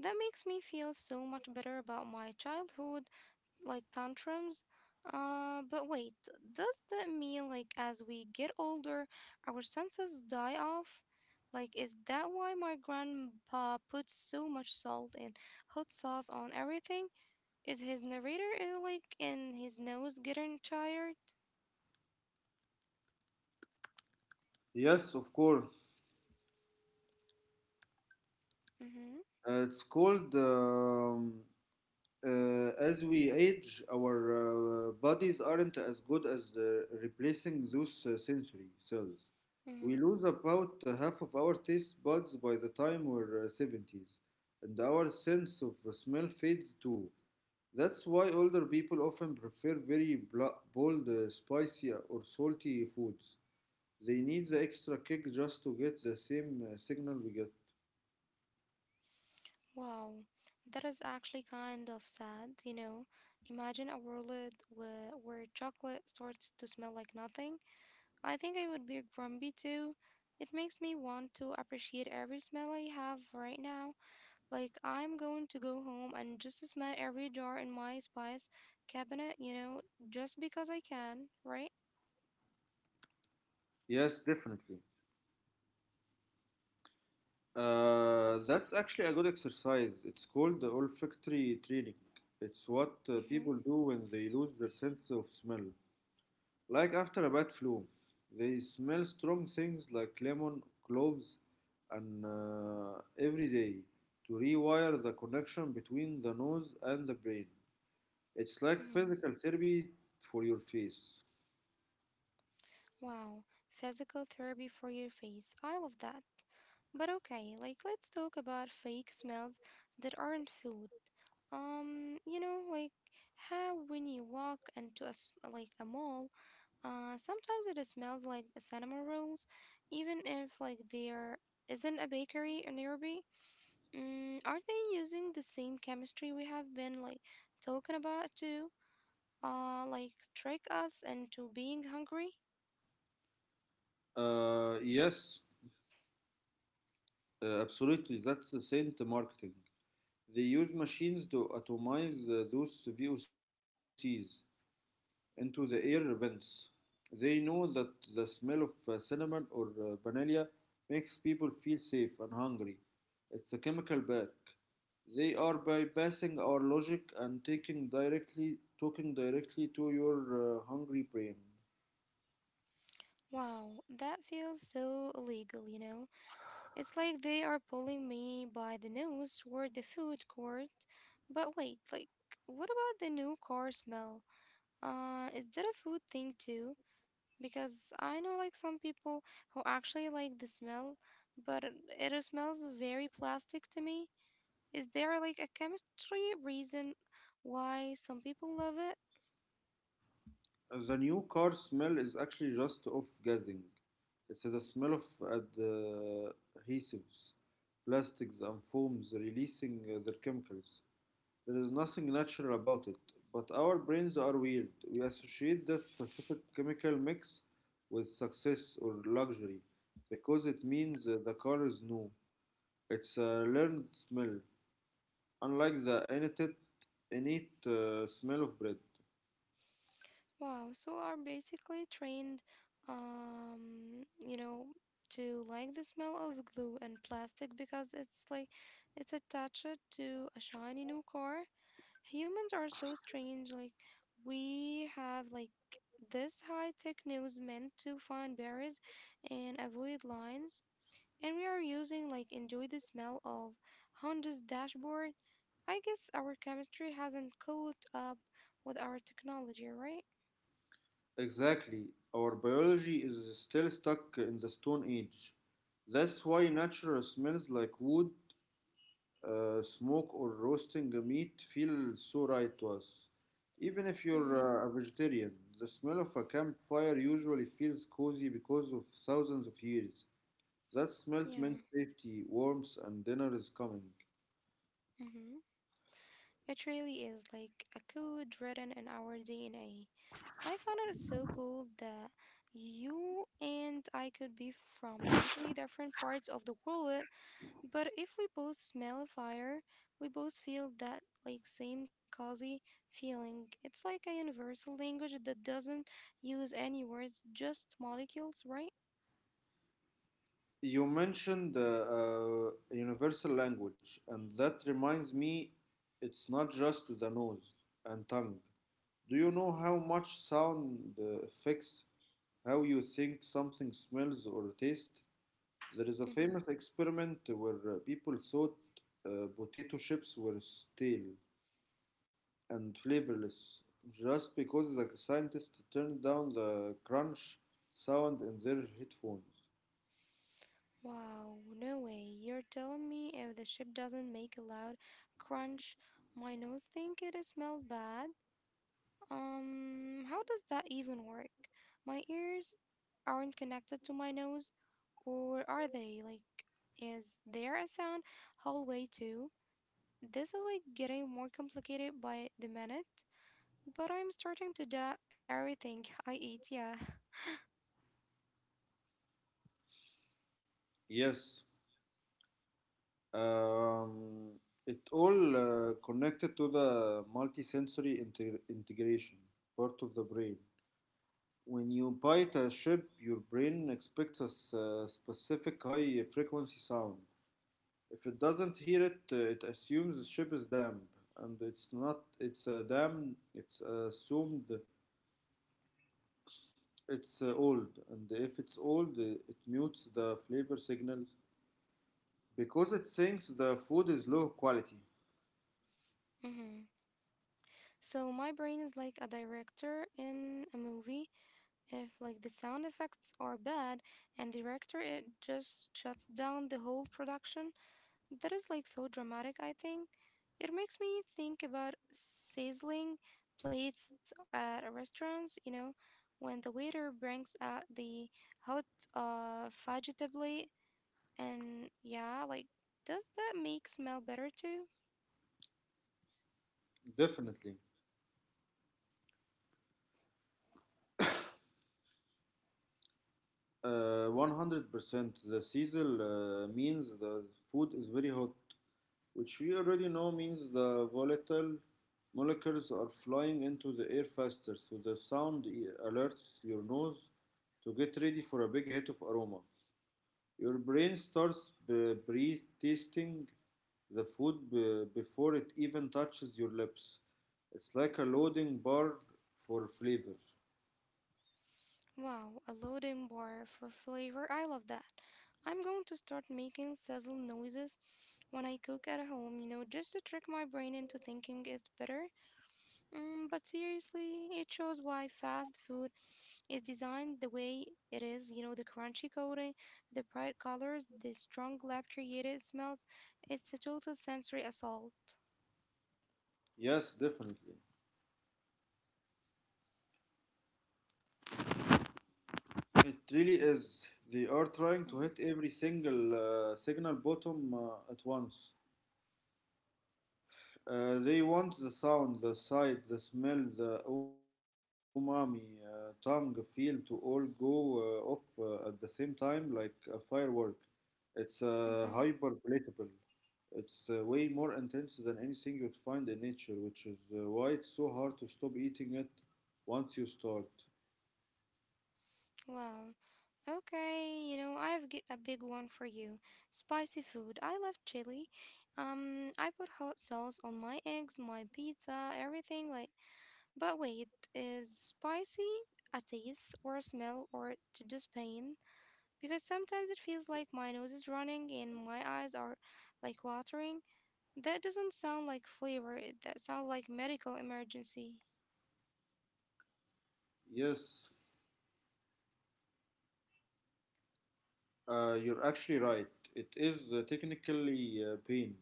Speaker 1: That makes me feel so much better about my childhood, like tantrums. But wait, does that mean like as we get older, our senses die off? Like, is that why my grandpa puts so much salt and hot sauce on everything? Is his narrator like in his nose getting tired?
Speaker 2: Yes, of course.
Speaker 1: Mm-hmm.
Speaker 2: It's called As we age, our bodies aren't as good as the replacing those sensory cells. We
Speaker 1: Mm-hmm.
Speaker 2: lose about half of our taste buds by the time we're seventies, and our sense of smell fades too. That's why older people often prefer very bold, spicy, or salty foods. They need the extra kick just to get the same signal we get.
Speaker 1: Wow, that is actually kind of sad, you know. Imagine a world where chocolate starts to smell like nothing. I think I would be grumpy too. It makes me want to appreciate every smell I have right now. Like, I'm going to go home and just smell every jar in my spice cabinet, you know, just because I can, right?
Speaker 2: Yes, definitely. That's actually a good exercise. It's called the olfactory training. It's what people
Speaker 1: Mm-hmm.
Speaker 2: do when they lose their sense of smell. Like after a bad flu, they smell strong things like lemon, cloves, and every day to rewire the connection between the nose and the brain. It's like
Speaker 1: Mm-hmm.
Speaker 2: physical therapy for your face.
Speaker 1: Wow, physical therapy for your face. I love that. But okay, like let's talk about fake smells that aren't food. Like how when you walk into like a mall, sometimes it smells like cinnamon rolls, even if like there isn't a bakery in nearby. Mm, are they using the same chemistry we have been like talking about to, like trick us into being hungry?
Speaker 2: Uh, yes, Absolutely. That's the scent marketing. They use machines to atomize those VOCs into the air vents. They know that the smell of cinnamon or vanilla makes people feel safe and hungry. It's a chemical back. They are bypassing our logic and taking directly talking directly to your hungry brain.
Speaker 1: Wow, that feels so illegal, you know? It's like they are pulling me by the nose toward the food court. But wait, like, what about the new car smell? Is that a food thing too? Because I know, like, some people who actually like the smell, but it smells very plastic to me. Is there, like, a chemistry reason why some people love it?
Speaker 2: The new car smell is actually just off-gassing. It's the smell of ad- uh, adhesives, plastics, and foams releasing their chemicals. There is nothing natural about it, but our brains are weird. We associate that specific chemical mix with success or luxury because it means the car is new. It's a learned smell, unlike the innate, innate smell of bread.
Speaker 1: Wow, so are basically trained, um, you know, to like the smell of glue and plastic because it's attached to a shiny new car. Humans are so strange, like we have like this high tech nose meant to find berries and avoid lines, and we are using like enjoy the smell of Honda's dashboard. I guess our chemistry hasn't caught up with our technology, right?
Speaker 2: Exactly, our biology is still stuck in the Stone Age. That's why natural smells like wood smoke or roasting a meat feels so right to us. Even if
Speaker 1: Mm-hmm.
Speaker 2: you're a vegetarian, the smell of a campfire usually feels cozy because of thousands of years. That smell meant
Speaker 1: Yeah,
Speaker 2: safety, warmth, and dinner is coming.
Speaker 1: mm-hmm. It really is like a code written in our DNA. I found it so cool that you and I could be from totally different parts of the world, but if we both smell a fire, we both feel that like same cozy feeling. It's like a universal language that doesn't use any words, just molecules, right?
Speaker 2: You mentioned universal language, and that reminds me it's not just the nose and tongue. Do you know how much sound affects how you think something smells or tastes? There is a famous
Speaker 1: Mm-hmm.
Speaker 2: experiment where people thought potato chips were stale and flavorless just because the scientists turned down the crunch sound in their headphones.
Speaker 1: Wow, no way. You're telling me if the chip doesn't make a loud crunch, my nose think it smells bad? How does that even work? My ears aren't connected to my nose, or are they? Like, is there a sound hallway too? This is like getting more complicated by the minute, but I'm starting to doubt everything I eat, yeah.
Speaker 2: Yes, um, it all connected to the multisensory integration part of the brain. When you bite a chip, your brain expects a specific high frequency sound. If it doesn't hear it, it assumes the ship is damp, and it's not. It's a dam. It's assumed it's old, and if it's old, it mutes the flavor signals because it thinks the food is low quality.
Speaker 1: Mm-hmm. So my brain is like a director in a movie. If like the sound effects are bad and director it just shuts down the whole production, that is like so dramatic, I think. It makes me think about sizzling plates at restaurants, you know, when the waiter brings out the hot fajita plate and yeah, like does that make smell better too?
Speaker 2: Definitely, 100%. The sizzle means the food is very hot, which we already know means the volatile molecules are flying into the air faster, so the sound alerts your nose to get ready for a big hit of aroma. Your brain starts pre-tasting the food before it even touches your lips. It's like a loading bar for flavor.
Speaker 1: Wow, a loading bar for flavor. I love that. I'm going to start making sizzle noises when I cook at home, you know, just to trick my brain into thinking it's better. Mm, but seriously, it shows why fast food is designed the way it is, you know, the crunchy coating, the bright colors, the strong lab created smells. It's a total sensory assault.
Speaker 2: Yes, definitely. It really is. They are trying to
Speaker 1: Mm-hmm.
Speaker 2: hit every single signal bottom at once. They want the sound, the sight, the smell, the umami, tongue, feel to all go off at the same time like a firework. It's hyper
Speaker 1: Mm-hmm.
Speaker 2: palatable. It's way more intense than anything you'd find in nature, which is why it's so hard to stop eating it once you start.
Speaker 1: Wow. Okay, you know, a big one for you. Spicy food. I love chili. I put hot sauce on my eggs, my pizza, everything like but wait, is spicy a taste or a smell or to just pain? Because sometimes it feels like my nose is running and my eyes are like watering. That doesn't sound like flavor. That sounds like medical emergency.
Speaker 2: Yes, you're actually right. It is technically pain.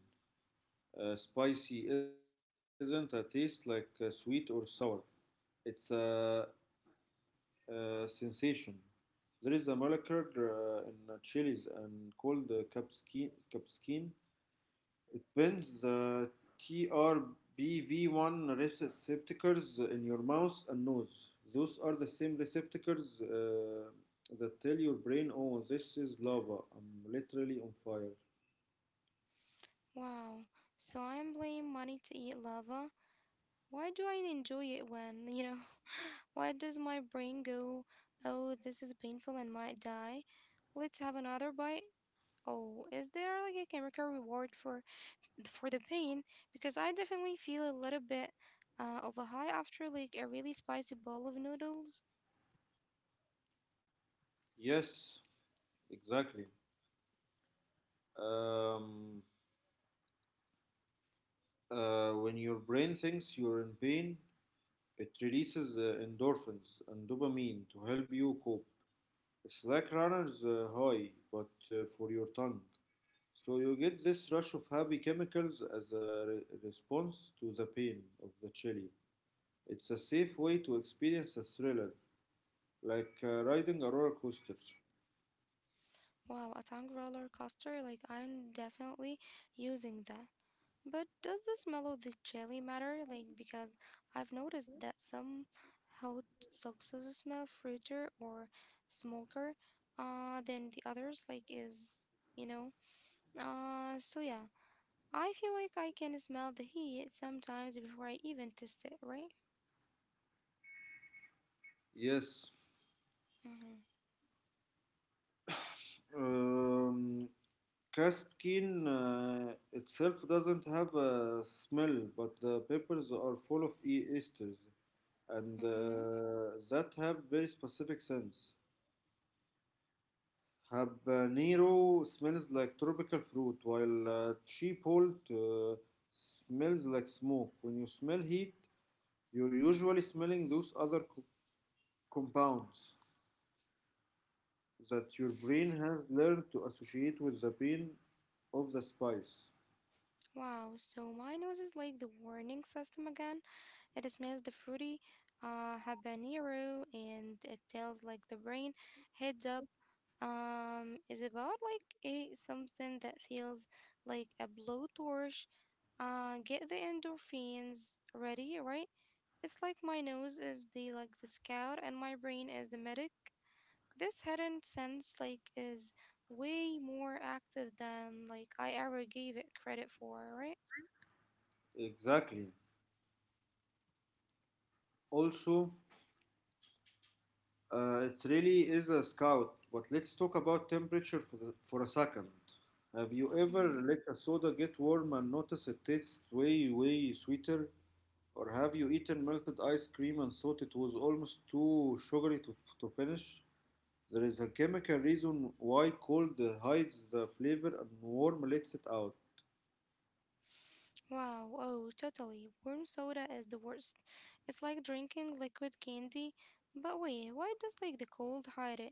Speaker 2: Spicy isn't a taste like sweet or sour. It's a sensation. There is a molecular in chilies and called capskin. It binds the TRBV1 receptors in your mouth and nose. Those are the same receptors that tell your brain, oh, this is lava. I'm literally on fire.
Speaker 1: Wow. So I am paying money to eat lava. Why do I enjoy it when, you know, why does my brain go, oh, this is painful and might die. Let's have another bite. Oh, is there like a chemical reward for the pain? Because I definitely feel a little bit of a high after like a really spicy bowl of noodles.
Speaker 2: Yes, exactly. Um, when your brain thinks you're in pain, it releases endorphins and dopamine to help you cope. It's like runner's high, but for your tongue. So you get this rush of happy chemicals as a response to the pain of the chili. It's a safe way to experience a thriller, like riding a roller coaster.
Speaker 1: Wow, a tongue roller coaster. Like I'm definitely using that. But does the smell of the jelly matter? Like, because I've noticed that some hot sauces smell fruitier or smoker than the others, like, is, you know? So yeah, I feel like I can smell the heat sometimes before I even taste it, right?
Speaker 2: Yes.
Speaker 1: Mm-hmm.
Speaker 2: Um, Caspian itself doesn't have a smell, but the peppers are full of e esters and
Speaker 1: Mm-hmm.
Speaker 2: that have very specific scents. Habanero smells like tropical fruit, while chipotle smells like smoke. When you smell heat, you're usually smelling those other compounds that your brain has learned to associate with the pain of the spice.
Speaker 1: Wow, so my nose is like the warning system again. It smells the fruity habanero and it tells like the brain heads up is about like a something that feels like a blowtorch get the endorphins ready, right? It's like my nose is the like the scout and my brain is the medic. This hidden sense like is way more active than like I ever gave it credit for, right?
Speaker 2: Exactly. Also, it really is a scout, but let's talk about temperature for a second. Have you ever
Speaker 1: Mm-hmm.
Speaker 2: let a soda get warm and notice it tastes way, way sweeter? Or have you eaten melted ice cream and thought it was almost too sugary to finish? There is a chemical reason why cold hides the flavor and warm lets it out.
Speaker 1: Wow, oh, totally. Warm soda is the worst. It's like drinking liquid candy. But wait, why does like the cold hide it?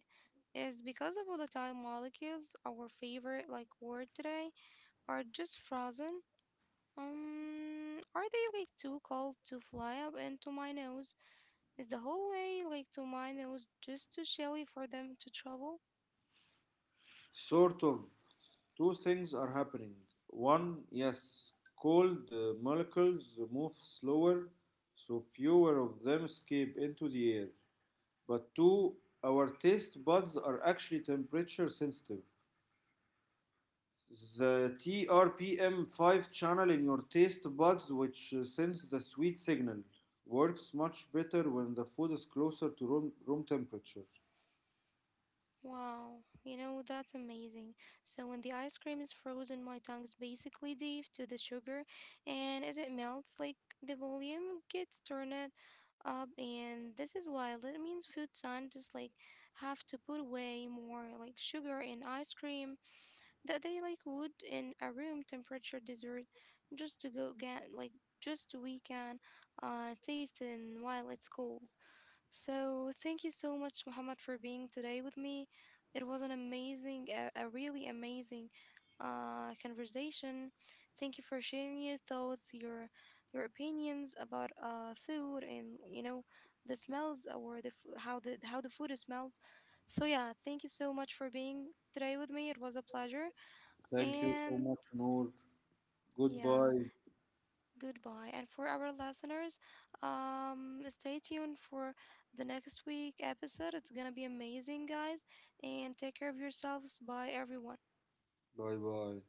Speaker 1: Is because of volatile molecules, our favorite like word today, are just frozen? Are they like too cold to fly up into my nose? Is the whole way like to my nose just too chilly for them to travel?
Speaker 2: Sort of. Two things are happening. One, yes, cold molecules move slower, so fewer of them escape into the air. But two, our taste buds are actually temperature sensitive. The TRPM5 channel in your taste buds, which sends the sweet signal, works much better when the food is closer to room temperature.
Speaker 1: Wow, you know, that's amazing. So when the ice cream is frozen, my tongue's basically deaf to the sugar, and as it melts, like the volume gets turned up, and this is why it means food scientists like have to put way more like sugar in ice cream that they like would in a room temperature dessert just to go get like just we can taste it while it's cold. So, thank you so much, Muhammad, for being today with me. It was a really amazing conversation. Thank you for sharing your thoughts, your opinions about food, and you know the smells or how the food smells. So yeah, thank you so much for being today with me. It was a pleasure,
Speaker 2: Thank you so
Speaker 1: and
Speaker 2: much, Noor.
Speaker 1: yeah
Speaker 2: Goodbye.
Speaker 1: goodbye. And for our listeners, stay tuned for the next week episode. It's gonna be amazing, guys. And take care of yourselves. Bye, everyone.
Speaker 2: Bye bye.